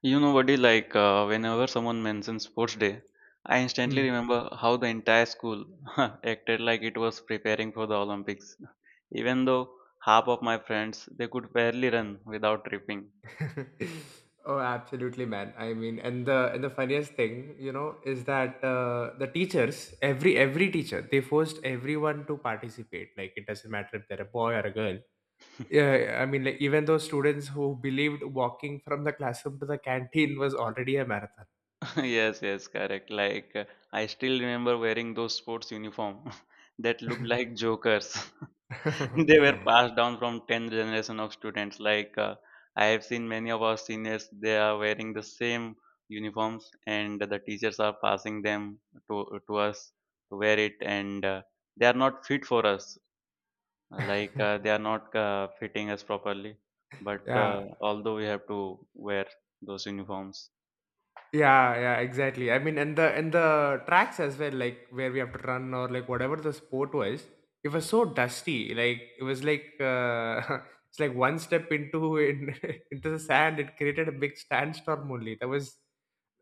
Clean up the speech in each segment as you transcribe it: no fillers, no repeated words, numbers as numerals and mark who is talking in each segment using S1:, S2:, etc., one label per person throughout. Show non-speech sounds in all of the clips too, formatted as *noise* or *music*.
S1: You know, Vadi, whenever someone mentions sports day, I instantly
S2: Hmm.
S1: remember how the entire school *laughs* acted like it was preparing for the Olympics. Even though half of my friends they could barely run without tripping.
S2: *laughs* Oh, absolutely, man. I mean, and the funniest thing, is that the teachers, every teacher, they forced everyone to participate. Like it doesn't matter if they're a boy or a girl. Yeah,
S1: *laughs*
S2: yeah, I mean, like even those students who believed walking from the classroom to the canteen was already a marathon.
S1: Yes, yes, correct. I still remember wearing those sports uniform *laughs* that looked like jokers. *laughs* *laughs* They were passed down from 10th generation of students I have seen many of our seniors they are wearing the same uniforms, and the teachers are passing them to, to us to wear it and they are not fit for us, they are not fitting us properly,
S2: *laughs*
S1: but
S2: yeah,
S1: although we have to wear those uniforms.
S2: Yeah, yeah, exactly. I mean, and the tracks as well, like where we have to run or like whatever the sport was, it was so dusty. Like it was like *laughs* it's like one step into *laughs* into the sand, it created a big sandstorm only. That was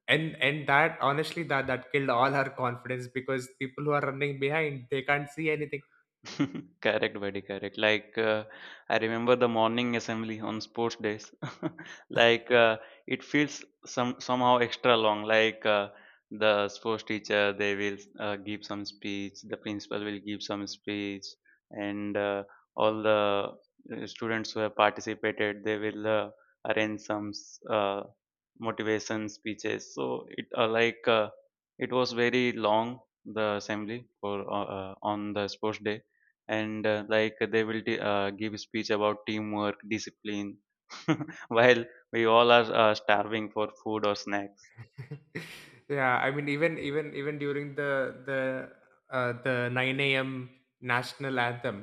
S2: and that honestly that killed all our confidence because people who are running behind they can't see anything.
S1: *laughs* Correct, buddy, correct. I remember the morning assembly on sports days. *laughs* Like, uh, it feels somehow extra long. The sports teacher, they will give some speech, the principal will give some speech, and all the students who have participated, they will arrange some motivation speeches. So it it was very long the assembly for on the sports day, and like they will give speech about teamwork discipline *laughs* while we all are starving for food or snacks.
S2: *laughs* Yeah, I mean, even during the the nine a.m. national anthem,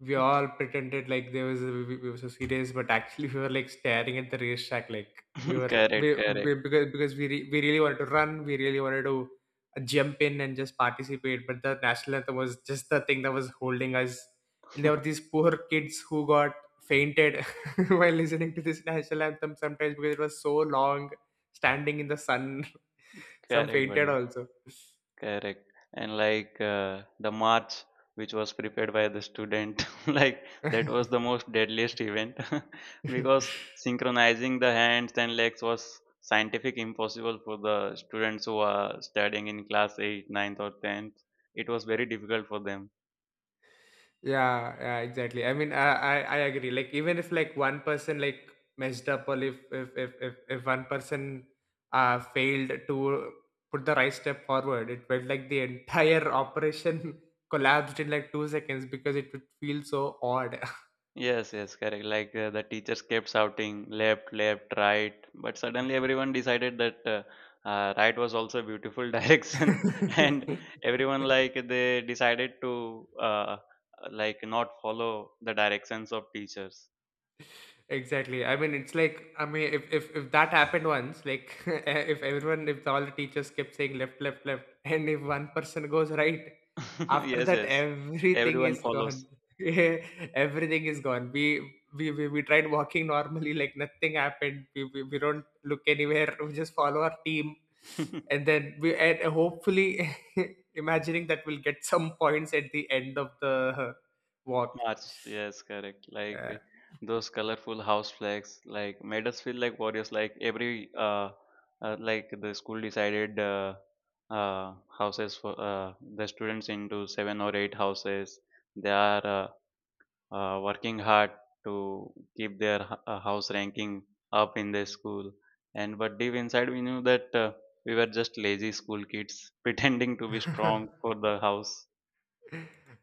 S2: we all pretended like there we were so serious, but actually we were like staring at the racetrack, like we
S1: *laughs*
S2: were
S1: Correct,
S2: we,
S1: correct.
S2: we because we really wanted to run, we really wanted to jump in and just participate, but the national anthem was just the thing that was holding us, and there were
S1: *laughs*
S2: these poor kids who got fainted *laughs* while listening to this national anthem sometimes because it was so long standing in the sun. *laughs* Some
S1: Correct,
S2: fainted
S1: buddy,
S2: also.
S1: correct. And the march which was prepared by the student *laughs* like that was the
S2: *laughs*
S1: most deadliest event *laughs* because synchronizing the hands and legs was scientific impossible for the students who are studying in class 8, ninth or 10th. It was very difficult for them.
S2: Yeah, yeah, exactly. I mean, I agree. Like even if like one person like messed up or if one person failed to put the right step forward, it felt like the entire operation *laughs* collapsed in like 2 seconds because it would feel so odd.
S1: Yes, yes, correct. The teachers kept shouting left, left, right, but suddenly everyone decided that right was also a beautiful *laughs* direction, and
S2: *laughs*
S1: everyone like they decided to like not follow the directions of teachers.
S2: Exactly. I mean, it's like I mean, if that happened once, like *laughs* if everyone, if all the teachers kept saying left, left, left, *laughs* and if one person goes right,
S1: *laughs*
S2: after
S1: Yes,
S2: that
S1: yes,
S2: everything
S1: everyone
S2: is
S1: follows.
S2: gone. *laughs* Yeah, everything is gone. We tried walking normally, like nothing happened. We don't look anywhere. We just follow our team, and
S1: *laughs*
S2: then we and hopefully *laughs* imagining that we'll get some points at the end of the walk.
S1: March, yes, correct. Those colorful house flags, like made us feel like warriors. Like like the school decided houses for the students into seven or eight houses. They are working hard to keep their house ranking up in their school. And but deep inside, we knew that we were just lazy school kids *laughs* pretending to be
S2: Yeah.
S1: strong
S2: *laughs*
S1: for the house.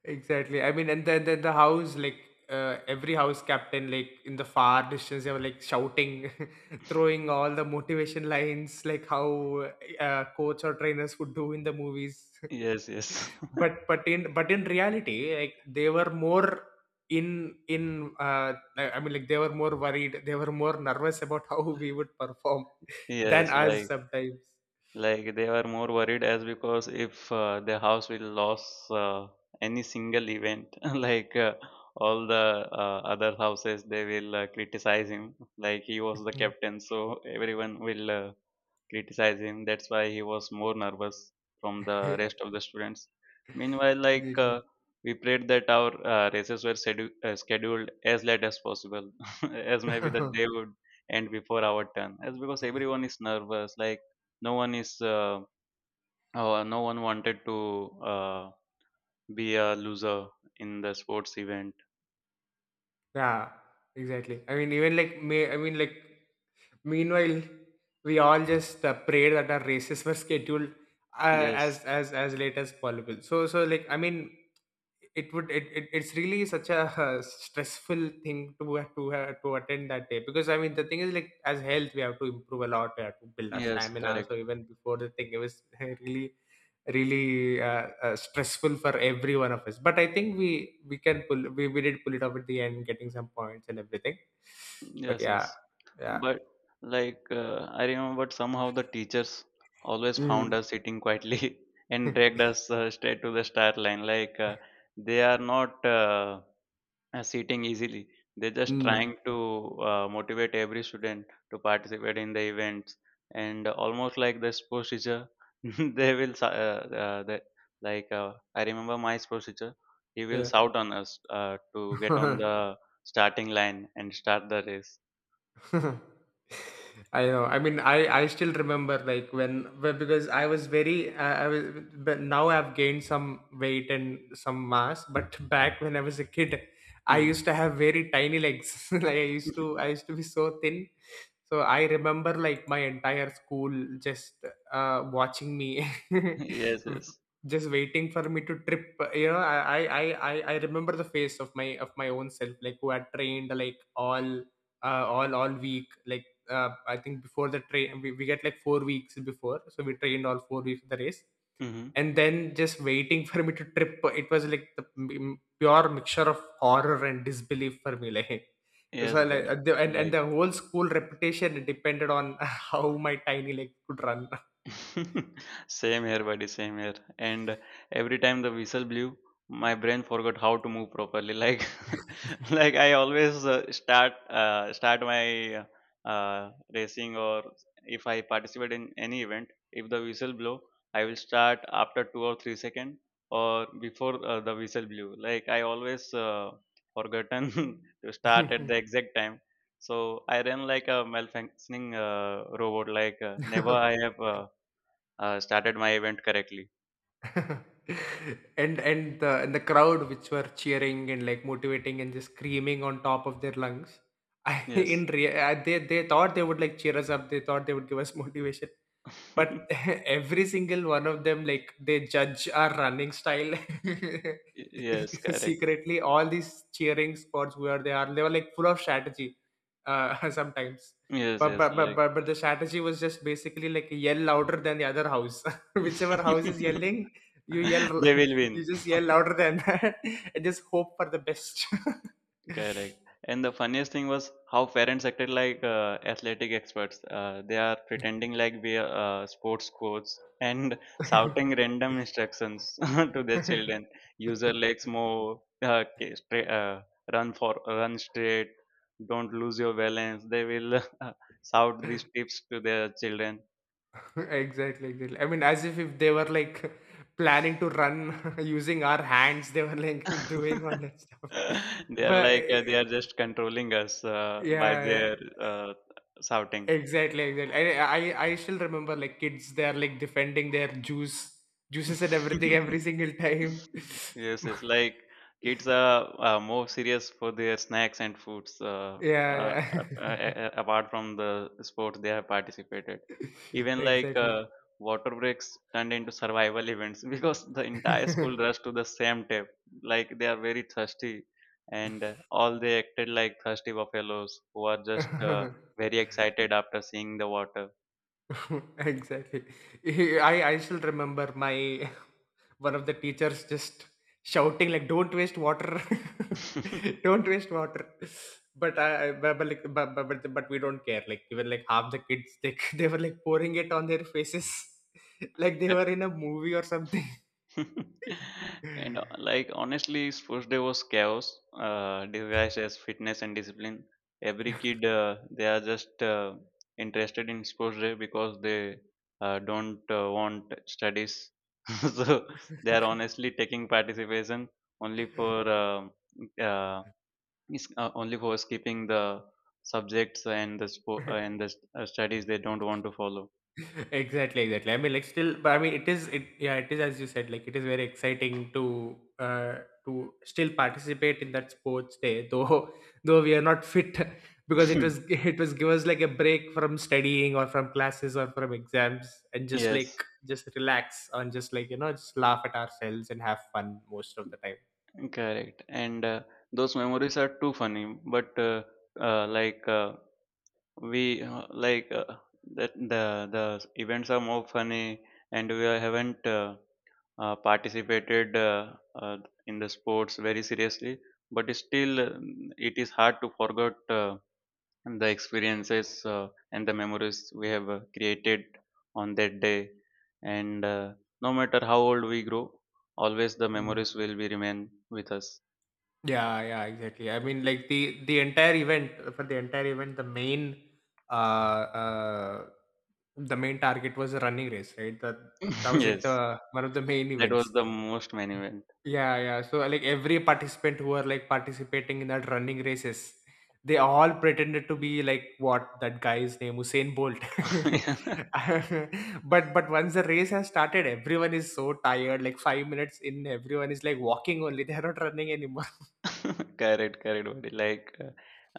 S2: Exactly. I mean, and then the house like every house captain like in the far distance they were like shouting, *laughs* throwing all the motivation lines like how coach or trainers would do in the movies. *laughs*
S1: Yes, yes,
S2: But in reality, like they were more in I mean like they were more worried, they were more nervous about *laughs* how we would perform
S1: *laughs*
S2: *laughs* than
S1: yes.
S2: us
S1: Like.
S2: sometimes.
S1: Like they were more worried as because if the house will lose any single event, *laughs* all the other houses, they will criticize him. Like he was the
S2: Mm.
S1: captain, so everyone will criticize him. That's why he was more nervous from the rest of the students. Meanwhile, we prayed that our races were scheduled as late as possible, *laughs* as maybe the
S2: Really. *laughs*
S1: day would end before our turn. As because everyone is nervous, like no one is, no one wanted to uh, be a loser in the sports event.
S2: Yeah, exactly. I mean, even like me, I mean, like meanwhile, we all just prayed that our races were scheduled *laughs* uh,
S1: Yes,
S2: as late as possible. So so like I mean, it it's really such a *laughs* stressful thing to have to attend that day because I mean the thing is like as health we have to improve a lot, we have to build our
S1: yes,
S2: stamina, so
S1: correct.
S2: even before the thing it was *laughs* really really stressful for every one of us, but I think we did pull it off at the end getting some points and everything, but
S1: Yes,
S2: yeah
S1: yes.
S2: yeah
S1: But I remember somehow the teachers always found
S2: mm.
S1: us sitting quietly *laughs* and dragged
S2: *laughs*
S1: us straight to the start line. They are not sitting easily. They're just trying
S2: mm.
S1: to motivate every student to participate in the events. And almost like the sports teacher, *laughs* they will sa- they, like I remember my sports teacher. He will shout on us to get on
S2: Yeah. *laughs*
S1: the starting line and start the race.
S2: *laughs* I know. I mean, I still remember like because I was, but now I've gained some weight and some mass, but *laughs* back when I was a kid, I
S1: Mhm.
S2: used to
S1: *laughs*
S2: have very tiny legs. *laughs* like I used to be so thin. So I remember like my entire school just watching me, *laughs*
S1: Yes, yes.
S2: just waiting for me to trip. You know, I remember the face of my own self, like who had trained like all week like I think before the we get like 4 weeks before, so we trained all 4 weeks for the race,
S1: Mhm.
S2: and then just waiting *laughs* for me to trip. It was like pure mixture of horror and disbelief for me, *laughs* like
S1: Yes,
S2: so
S1: bro.
S2: like and
S1: Like,
S2: the whole school reputation depended on *laughs* how my tiny leg could
S1: *laughs* same here, buddy, same here. And every time the whistle blew, my brain forgot how to move properly. Like, *laughs* like I always start my racing, or if I participate in any event, if the whistle blow, I will start after two or three second or before the whistle blew. Like I always forgotten *laughs* to start at the
S2: run.
S1: exact time. So I ran like a malfunctioning robot. Never I have.
S2: *laughs*
S1: Started my event correctly.
S2: *laughs* And the crowd which were cheering and like motivating and just screaming on top of their lungs. *laughs* I in
S1: Yes.
S2: rea- I- they thought they would like cheer us up. They thought they would give us *laughs* motivation, but *laughs*
S1: *laughs*
S2: every single one of them, like they judge our running style.
S1: Yes,
S2: *laughs*
S1: correct.
S2: Secretly, all these cheering squads, they were like full of strategy. *laughs* Sometimes,
S1: Yes, yes, like
S2: but the strategy was just basically like yell louder than the other house. *laughs* Whichever house is
S1: *laughs*
S2: yelling, you yell,
S1: they will
S2: *laughs* you
S1: win.
S2: just yell louder than that, *laughs* and just hope for the best.
S1: Correct. And the funniest thing was how parents acted like athletic experts. They are pretending like we are sports coaches and *laughs* shouting random instructions *laughs* to their children. Use your
S2: *laughs* *laughs*
S1: legs more, run for run straight, don't lose your balance. They will *laughs* shout these tips to their children.
S2: *laughs* Exactly, exactly. I mean, as if they were like *laughs* planning to run *laughs* using our hands, they were like *laughs* doing all that
S1: *laughs*
S2: stuff. *laughs*
S1: They are
S2: But
S1: like
S2: eh,
S1: they are just controlling us by
S2: yeah, yeah.
S1: their shouting.
S2: Exactly, exactly. I still remember like kids. They are like defending their juice, juices and
S1: *laughs*
S2: everything every single time.
S1: *laughs* Yes,
S2: *laughs*
S1: yes. Like kids are more serious for their snacks and foods. Uh,
S2: yeah,
S1: uh, uh,
S2: yeah.
S1: Apart from the sports they have participated,
S2: *laughs*
S1: even
S2: exactly.
S1: water breaks turned into survival events *laughs* because the entire school rushed to the same tap. Like they are very thirsty, and all they acted like thirsty buffaloes who are just
S2: *laughs*
S1: very excited after seeing the water.
S2: *laughs* exactly. *laughs* I still remember my *laughs* one of the teachers just shouting like don't waste water. *laughs*
S1: *laughs*
S2: Don't waste water, but like but we don't care, like even like half the kids they, *laughs* they were like pouring it on their faces *laughs* like they were in a movie or something.
S1: *laughs* And like honestly, his first day was chaos, disguised as fitness and discipline. Every kid, they are just interested in sports day because they don't want studies. *laughs* So they are honestly taking participation only for uh, only for skipping the subjects and the
S2: *laughs*
S1: studies they don't want to follow.
S2: *laughs* Exactly exactly, I mean like still, but I mean it is it yeah it is, as you said, like it is very exciting to still participate in that sports day, though *laughs* though we are not fit, *laughs* because it was, *laughs* it was give us like a break from studying or from classes or from exams and
S1: *laughs*
S2: just like
S1: Yes.
S2: just relax and just like, you know, just laugh at ourselves and have fun most of the time.
S1: Correct. And those memories are too funny. But like we like That the events are more funny, and we haven't participated in the sports very seriously. But still, it is hard to forget the experiences and the memories we have created on that day. And no matter how old we grow, always the memories will be remain with us.
S2: Yeah, yeah, exactly. I mean, like the entire event, for the entire event, uh uh the main target was a running race, right? That
S1: *laughs*
S2: was like
S1: Yes.
S2: the one of the main
S1: That was
S2: events.
S1: the most main event.
S2: Yeah, yeah. So like every participant who were like participating in that running races, they all pretended to be like what that guy's name, Usain Bolt.
S1: *laughs*
S2: *laughs* But once the race has started, everyone is so tired. Like 5 minutes in, everyone is like walking only. *laughs* They are not running anymore.
S1: Correct, correct, buddy. Like,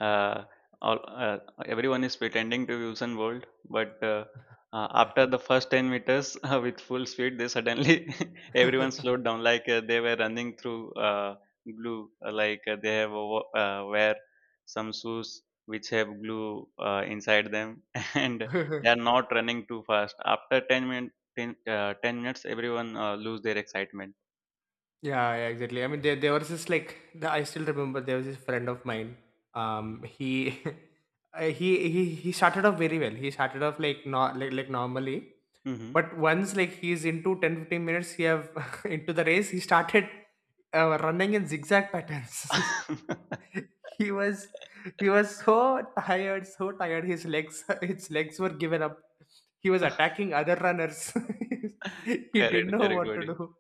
S1: uh, all, uh, everyone is pretending to Usain Bolt, but after the first 10 meters *laughs* with full speed, they suddenly *laughs* everyone
S2: *laughs*
S1: slowed down. They were running through glue. They have wear some shoes which have glue inside them, *laughs* and
S2: *laughs* Yeah,
S1: they are not running too fast. After 10 minutes, 10 minutes, everyone lose their excitement.
S2: yeah, exactly. I mean, there was this like the, I still remember there was this friend of mine. He, *laughs* he started off very well. He started off like not like like normally,
S1: Hmm.
S2: but once like he's into 10, 15 minutes, he have *laughs* into the race. He started running in zigzag patterns.
S1: *laughs*
S2: *laughs* he was he was so tired, so tired. His legs, *laughs* his legs were given up. He was attacking other runners. *laughs* He didn't
S1: Correct,
S2: know
S1: correct,
S2: what to
S1: buddy.
S2: do.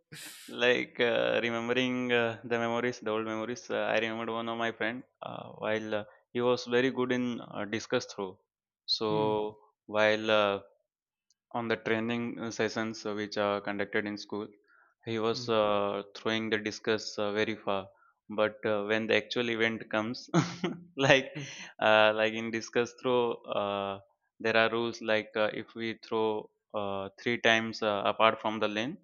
S1: Remembering the memories, the old memories. I remembered one of my friend while he was very good in discuss through.
S2: Hmm.
S1: So while on the training sessions which are conducted in school, he was
S2: Hmm.
S1: throwing the discus very far, but when the actual event comes *laughs* like
S2: Hmm.
S1: like in discus throw, uh, there are rules like if we throw three times apart from the lane,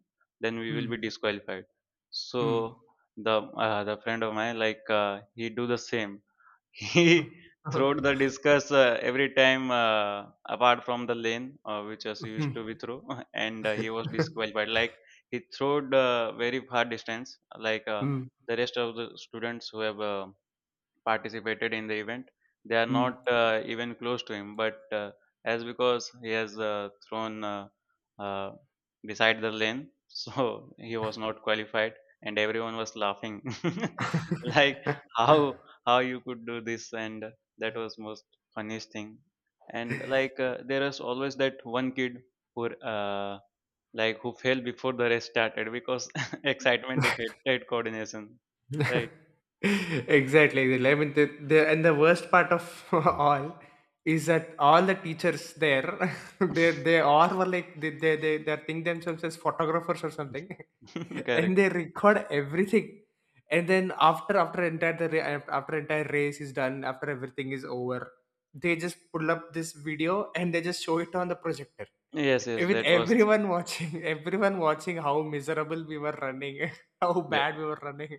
S1: then we will be
S2: Hmm.
S1: disqualified. So
S2: Hmm.
S1: the the friend of mine he do the same. He
S2: *laughs*
S1: *laughs*
S2: Huh.
S1: throwed the
S2: Uh-huh.
S1: discus every time apart from the lane which was used to
S2: Mhm.
S1: be through, *laughs* and he was
S2: *laughs*
S1: disqualified. Like he throwed very far distance,
S2: Hmm.
S1: the rest of the students who have participated in the event. They are not
S2: Hmm.
S1: uh, even close to him, but as because he has thrown uh, beside the lane, *laughs* so he was not qualified, and everyone was laughing, *laughs* like how how you could do this, and that was most funniest thing. And there is always that one kid who uh, like who fell before the race started because *laughs* excitement defeated coordination. Right,
S2: *laughs* Exactly. I mean, and the worst part of *laughs* all is that all the teachers there, *laughs* they all were like they think themselves as photographers or something,
S1: *laughs*
S2: *laughs* and
S1: correct.
S2: they record everything. And then after entire race is done, after everything is over, they just pull up this video and they just show it on the projector,
S1: Yes, yes,
S2: with everyone watching, *laughs* everyone watching how miserable we were running, *laughs* how
S1: that,
S2: bad we were running.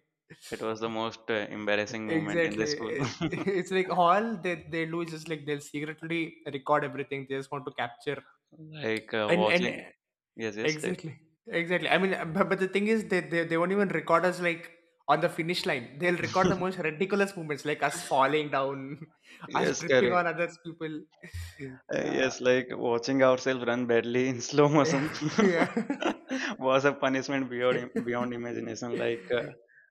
S1: that was the most embarrassing moment in the school.
S2: Exactly.
S1: *laughs*
S2: It's like all they do is just like they'll secretly record everything. They just want to capture and
S1: Watching, yes, yes, that,
S2: exactly, exactly. I mean, but the thing is, they won't even record us like on the finish line. They'll record the most
S1: *laughs*
S2: ridiculous moments, like us falling down, *laughs* us
S1: yes,
S2: tripping
S1: correct.
S2: on others people. *laughs*
S1: Yes, like watching ourselves run badly in slow
S2: Yeah,
S1: motion
S2: yeah, *laughs* yeah.
S1: *laughs* was a punishment beyond
S2: *laughs*
S1: imagination.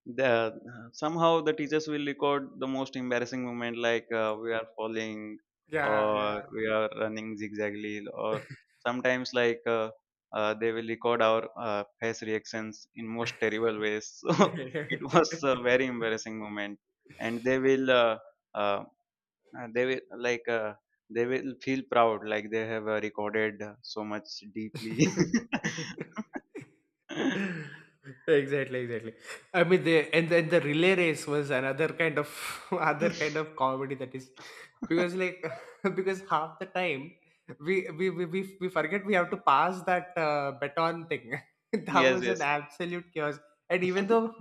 S1: The somehow the teachers will record the most embarrassing moment, we are falling
S2: Yeah,
S1: or we are running zigzagly, or sometimes they will record our face reactions in most terrible ways. *laughs*
S2: yeah,
S1: So
S2: *laughs*
S1: it was a very embarrassing moment, and they will. Um, they will like they will feel proud like they have recorded so much deeply.
S2: yeah. *laughs* *laughs* Exactly exactly, I mean the, and then the relay race was another kind of *laughs* other kind
S1: *laughs*
S2: of comedy that is, because like *laughs* because half the time we forget we have to pass that baton thing. *laughs* That
S1: Yes,
S2: was an
S1: yes,
S2: absolute chaos, and even though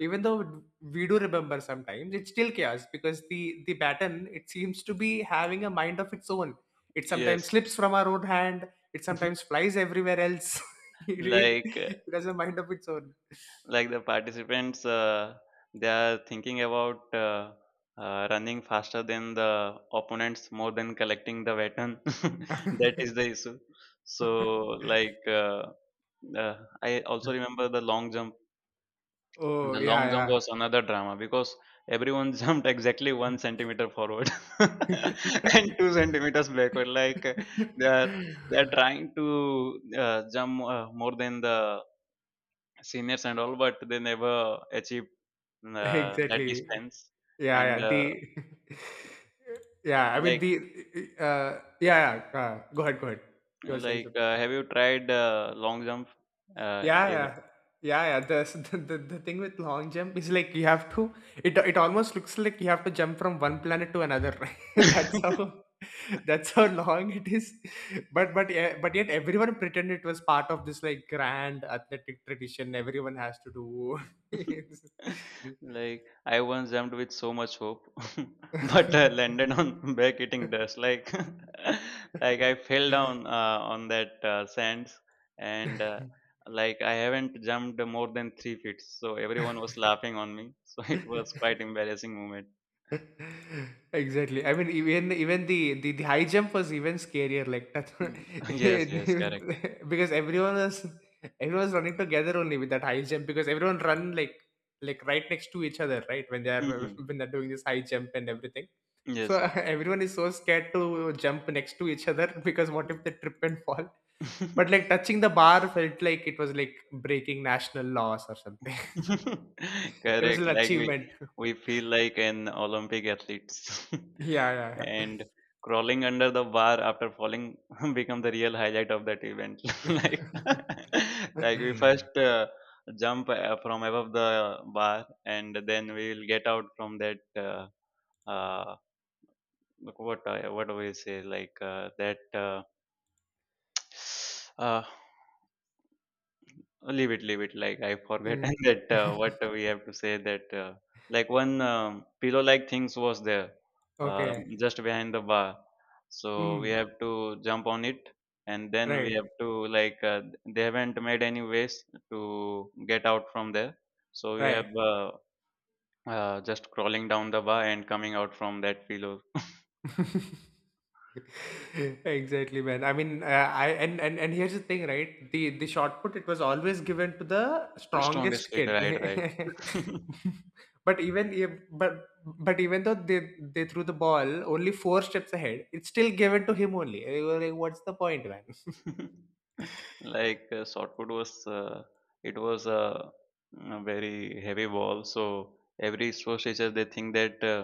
S2: we do remember, sometimes it's still chaos because the baton, it seems to be having a mind of its own. It sometimes
S1: yes.
S2: slips from our own hand, it
S1: *laughs*
S2: sometimes flies everywhere else. *laughs* it, it
S1: like uh,
S2: it has a mind of its own.
S1: like the participants they are thinking about running faster than the opponents more than collecting the baton. *laughs* That is the issue. So
S2: *laughs*
S1: like uh, uh, I also remember the long jump. And
S2: Oh,
S1: the
S2: yeah,
S1: long jump
S2: yeah.
S1: was another drama because everyone *laughs* jumped exactly 1 centimeter forward *laughs* and 2 centimeters backward. They are they are trying to jump more than the seniors and all, but they never achieve
S2: *laughs*
S1: that
S2: Exactly.
S1: distance.
S2: Yeah,
S1: And
S2: yeah. The *laughs* Yeah, I mean
S1: like
S2: the yeah, yeah. Go ahead, go ahead. You were saying.
S1: like Have you tried long jump? Uh,
S2: Yeah, yeah, yeah, yeah. *laughs* The thing with long jump is like you have to. It almost looks like you have to jump from one planet to another. *laughs* that's
S1: even? *laughs*
S2: how *laughs* That's how long it is. But yeah, but yet everyone pretend it was part of this like grand athletic tradition. Everyone has to do. *laughs*
S1: *laughs* Like I once jumped with so much hope, *laughs* but
S2: Yes.
S1: I
S2: *laughs*
S1: landed on *laughs* back eating dust. Like, *laughs* like I fell down on that sands, and like I haven't jumped more than 3 feet. So everyone was laughing on me. *laughs* So it was quite embarrassing moment.
S2: *laughs* Exactly. I mean, even the high jump was even scarier. Like that.
S1: Mm. *laughs* Yes, yes, correct.
S2: *laughs* Because everyone was running together only with that high jump because everyone run like right next to each other, right? When they are
S1: Hmm.
S2: *laughs* when they're doing this high jump and everything, so
S1: Yes,
S2: *laughs*
S1: yes.
S2: everyone is so scared to jump next to each other *laughs* because what if they trip and fall? But
S1: *laughs*
S2: like touching the bar felt like it was like breaking national laws or something.
S1: *laughs*
S2: *laughs* It was
S1: Correct.
S2: an
S1: Like we
S2: achievement. *laughs*
S1: we feel like an Olympic athletes,
S2: Yeah,
S1: *laughs*
S2: yeah, yeah.
S1: and crawling under the bar after falling *laughs* become the real highlight of that event. *laughs* like
S2: *laughs*
S1: *laughs* like we first jump from above the bar, and then we will get out from that. Uh, what do we say? Like that. *sighs* Uh, Leave it, leave it. Like I forgot
S2: Mm.
S1: *laughs* that what
S2: *laughs*
S1: we have to say that. Like one pillow-like things was there
S2: Okay.
S1: just behind the bar. So we
S2: Mm.
S1: have to jump on it, and then we
S2: Right.
S1: have to like they haven't made any ways to get out from there. So we
S2: Right.
S1: have just crawling down the bar and coming out from that pillow.
S2: *laughs* *laughs* Exactly, man. I mean, I and here's the thing, right? The shot put it was always given to the
S1: Strongest
S2: strongest
S1: kid,
S2: kid.
S1: right, right.
S2: *laughs*
S1: *laughs*
S2: But even if- but even though they threw the ball only four steps ahead, it's still given to him only. And you were like, what's the point, man?
S1: *laughs*
S2: *laughs*
S1: Like shotput was it was a very heavy ball, so every sports teacher they think that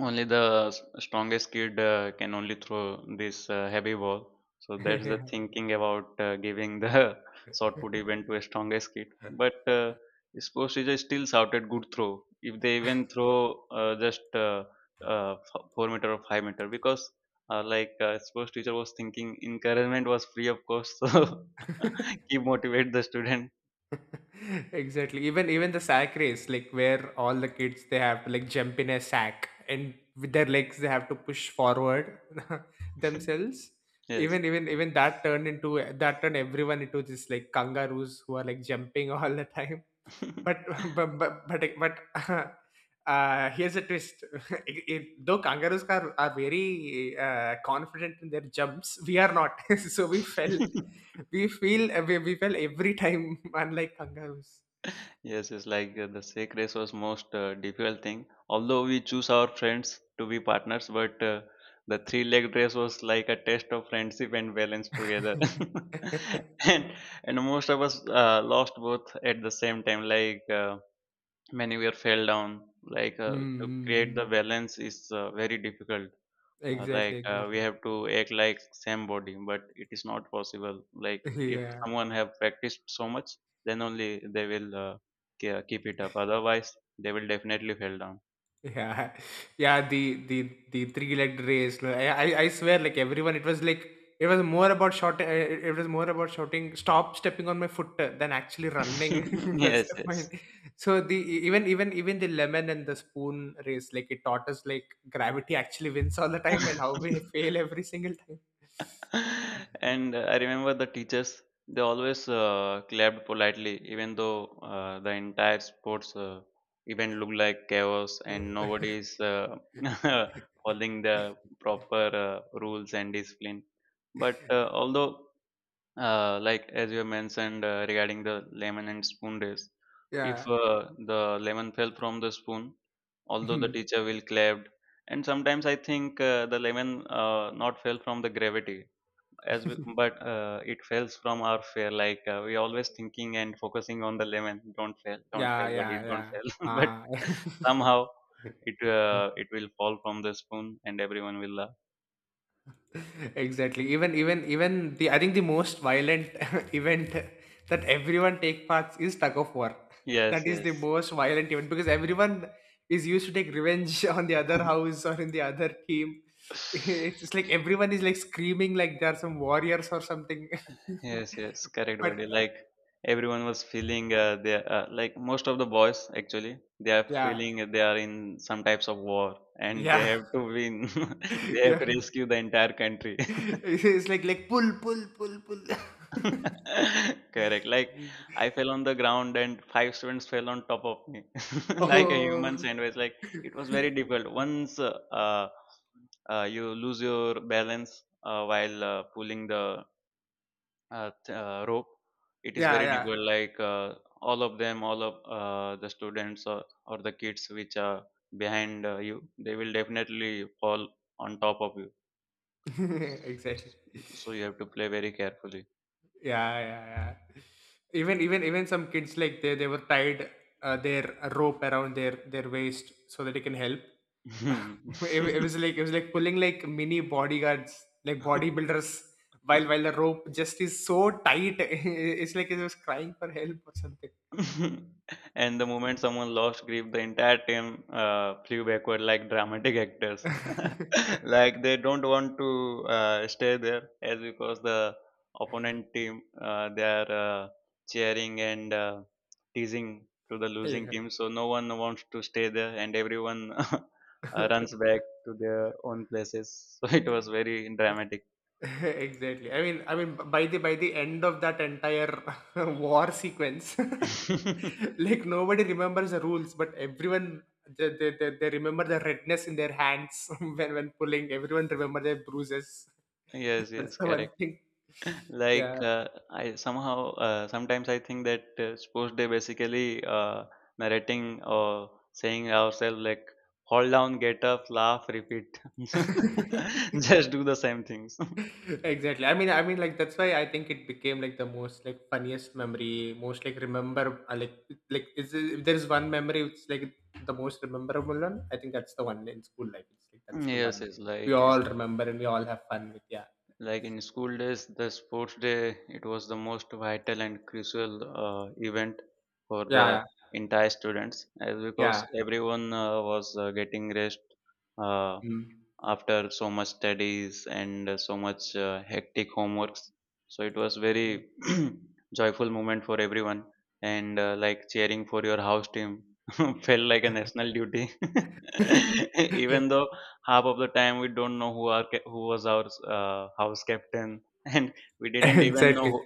S1: only the strongest kid can only throw this heavy ball, so that's the
S2: Hey.
S1: thinking about giving the *laughs* shot put event to a strongest kid, but sports teacher still shouted good throw if they even throw just 4 meter or 5 meter, because like sports teacher was thinking encouragement was free of course, *laughs* so *laughs* keep motivate the student.
S2: *laughs* Exactly. Even the sack race, like where all the kids, they have to like jump in a sack, and with their legs they have to push forward *laughs* themselves.
S1: Yes.
S2: Even that turned everyone into this like kangaroos who are like jumping *laughs* all the time. But *laughs* but *laughs* here's a twist. *laughs* Though kangaroos are very confident in their jumps, we are not. *laughs* So we fell
S1: *laughs*
S2: we feel we fell every time, *laughs* unlike kangaroos.
S1: Yes, it's like the sack race was most difficult thing. Although we choose our friends to be partners, but the three-legged race was like a test of friendship and balance together. *laughs*
S2: *laughs*
S1: and and most of us lost both at the same time. Like many were fell down. Like to create the
S2: Mm,
S1: balance is very difficult,
S2: exactly,
S1: like we
S2: exactly.
S1: have to act like same body, but it is not possible. Like
S2: *laughs*
S1: if
S2: Yeah,
S1: someone have practiced so much, then only they will keep it up, otherwise they will definitely fall down.
S2: yeah, yeah. The three-legged race. Like, I swear, like everyone, it was more about shouting. It was more about shouting, "Stop stepping on my foot!" Than actually running.
S1: *laughs*
S2: *laughs* That's
S1: Yes,
S2: the
S1: yes.
S2: point. So the e, even even even the lemon and the spoon race, like it taught us, like gravity actually wins all the time, and
S1: *laughs*
S2: how we *laughs* fail every single time.
S1: And I remember the teachers, they always clapped politely even though the entire sports event looked like chaos and nobody is *laughs* following the proper rules and discipline, but although, like as you mentioned regarding the lemon and spoon days, if
S2: Yeah.
S1: the lemon fell from the spoon, although the
S2: *laughs*
S1: teacher will clapped. And sometimes I think the lemon not fell from the gravity, as we, but it falls from our fear. Like we always thinking and focusing on the lemon, don't
S2: Yeah,
S1: fail, buddy,
S2: yeah,
S1: don't
S2: yeah.
S1: fail. *laughs* But
S2: Ah. *laughs*
S1: somehow it will fall from the spoon, and everyone will laugh.
S2: Exactly. Even even even the I think the most violent *laughs* event that everyone take parts is tug of war. That
S1: Yes,
S2: is the most violent event because everyone is used to take revenge *laughs* on the other house or in the other team. *laughs* It's
S1: yes.
S2: just like everyone is like screaming like they are some warriors or something.
S1: Yes, yes, correct,
S2: *laughs* But
S1: buddy. Like everyone was feeling they like most of the boys actually, they are
S2: yeah,
S1: feeling they are in some types of war and they
S2: yeah,
S1: have to win. *laughs*
S2: *laughs*
S1: They have
S2: yeah.
S1: to rescue the entire country.
S2: *laughs* It's like pull, pull, pull, pull. *laughs*
S1: *laughs* Correct. Like I fell on the ground and five students fell on top of me, *laughs* like a human
S2: Oh,
S1: sandwich. Like it was very difficult. Once you lose your balance while pulling the rope. It is very
S2: yeah,
S1: difficult. Like all of them, all of the students or the kids which are behind you, they will definitely fall on top of you.
S2: yeah, *laughs* exactly.
S1: So you have to play very carefully.
S2: Yeah, yeah, yeah. Even some kids, like they were tied their rope around their waist so that it can help. *laughs* It was like pulling like mini bodyguards, like
S1: *laughs*
S2: bodybuilders, while the rope just is so tight. *laughs* It's like it was crying for help or something.
S1: *laughs* And the moment someone lost grip, the entire team flew backward like dramatic actors. *laughs*
S2: *laughs*
S1: Like they don't want to stay there, as because the opponent team, they are cheering and teasing to the losing
S2: Yeah.
S1: team, so no one wants to stay there, and everyone *laughs* runs back to their own places. *laughs* So it was very dramatic.
S2: *laughs* Exactly. I mean, by the end of that entire *laughs* war sequence,
S1: *laughs*
S2: *laughs* like nobody remembers the rules, but everyone they remember the redness in their hands *laughs* when pulling. Everyone remember their bruises.
S1: Yes,
S2: *laughs* That's
S1: yes,
S2: the one
S1: correct.
S2: thing.
S1: Like
S2: Yeah.
S1: I somehow, sometimes I think that sports day basically narrating or saying ourselves like, fall down, get up, laugh, repeat. *laughs*
S2: *laughs*
S1: Just do the same things.
S2: *laughs* Exactly. I mean, like that's why I think it became like the most like funniest memory most like remember like, is if there's one memory, it's like the most rememberable one, I think. That's the one in school life. It's like that's the one
S1: Yes, it's
S2: we
S1: like it's
S2: all remember, and we all have fun with. Yeah,
S1: like in school days, the sports day, it was the most vital and crucial event for the
S2: yeah,
S1: entire students, as
S2: yeah, yeah.
S1: because everyone was getting rest. Uh,
S2: Mm.
S1: After so much studies and so much hectic homeworks. So it was very *clears throat* joyful moment for everyone, and like cheering for your house team *laughs* felt like a national duty. *laughs*
S2: *laughs*
S1: Even though half of the time we don't know who was our house captain, *laughs* and we didn't even know
S2: exactly
S1: who.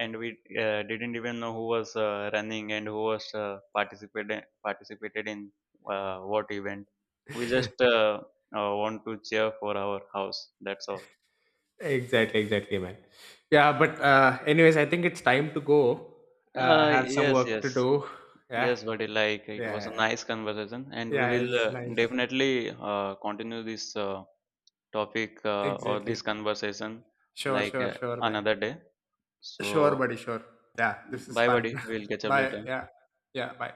S1: And we didn't even know who was running and who was participated in what event. We just want to cheer for our house. That's all.
S2: exactly, man. Yeah, but anyways, I think it's time to go. I
S1: Uh,
S2: have some
S1: yes,
S2: work to
S1: yes,
S2: do. Yeah,
S1: yes, buddy. Like it was a
S2: yeah,
S1: nice conversation, and we
S2: yeah,
S1: will
S2: it's nice.
S1: definitely continue this topic or this
S2: Exactly.
S1: conversation
S2: Sure,
S1: like
S2: sure, sure, man.
S1: another day.
S2: Sure,
S1: So,
S2: buddy, sure. Yeah, this is
S1: bye,
S2: fun.
S1: buddy. We'll
S2: *laughs*
S1: catch up
S2: Bye.
S1: later.
S2: Yeah. Yeah, bye.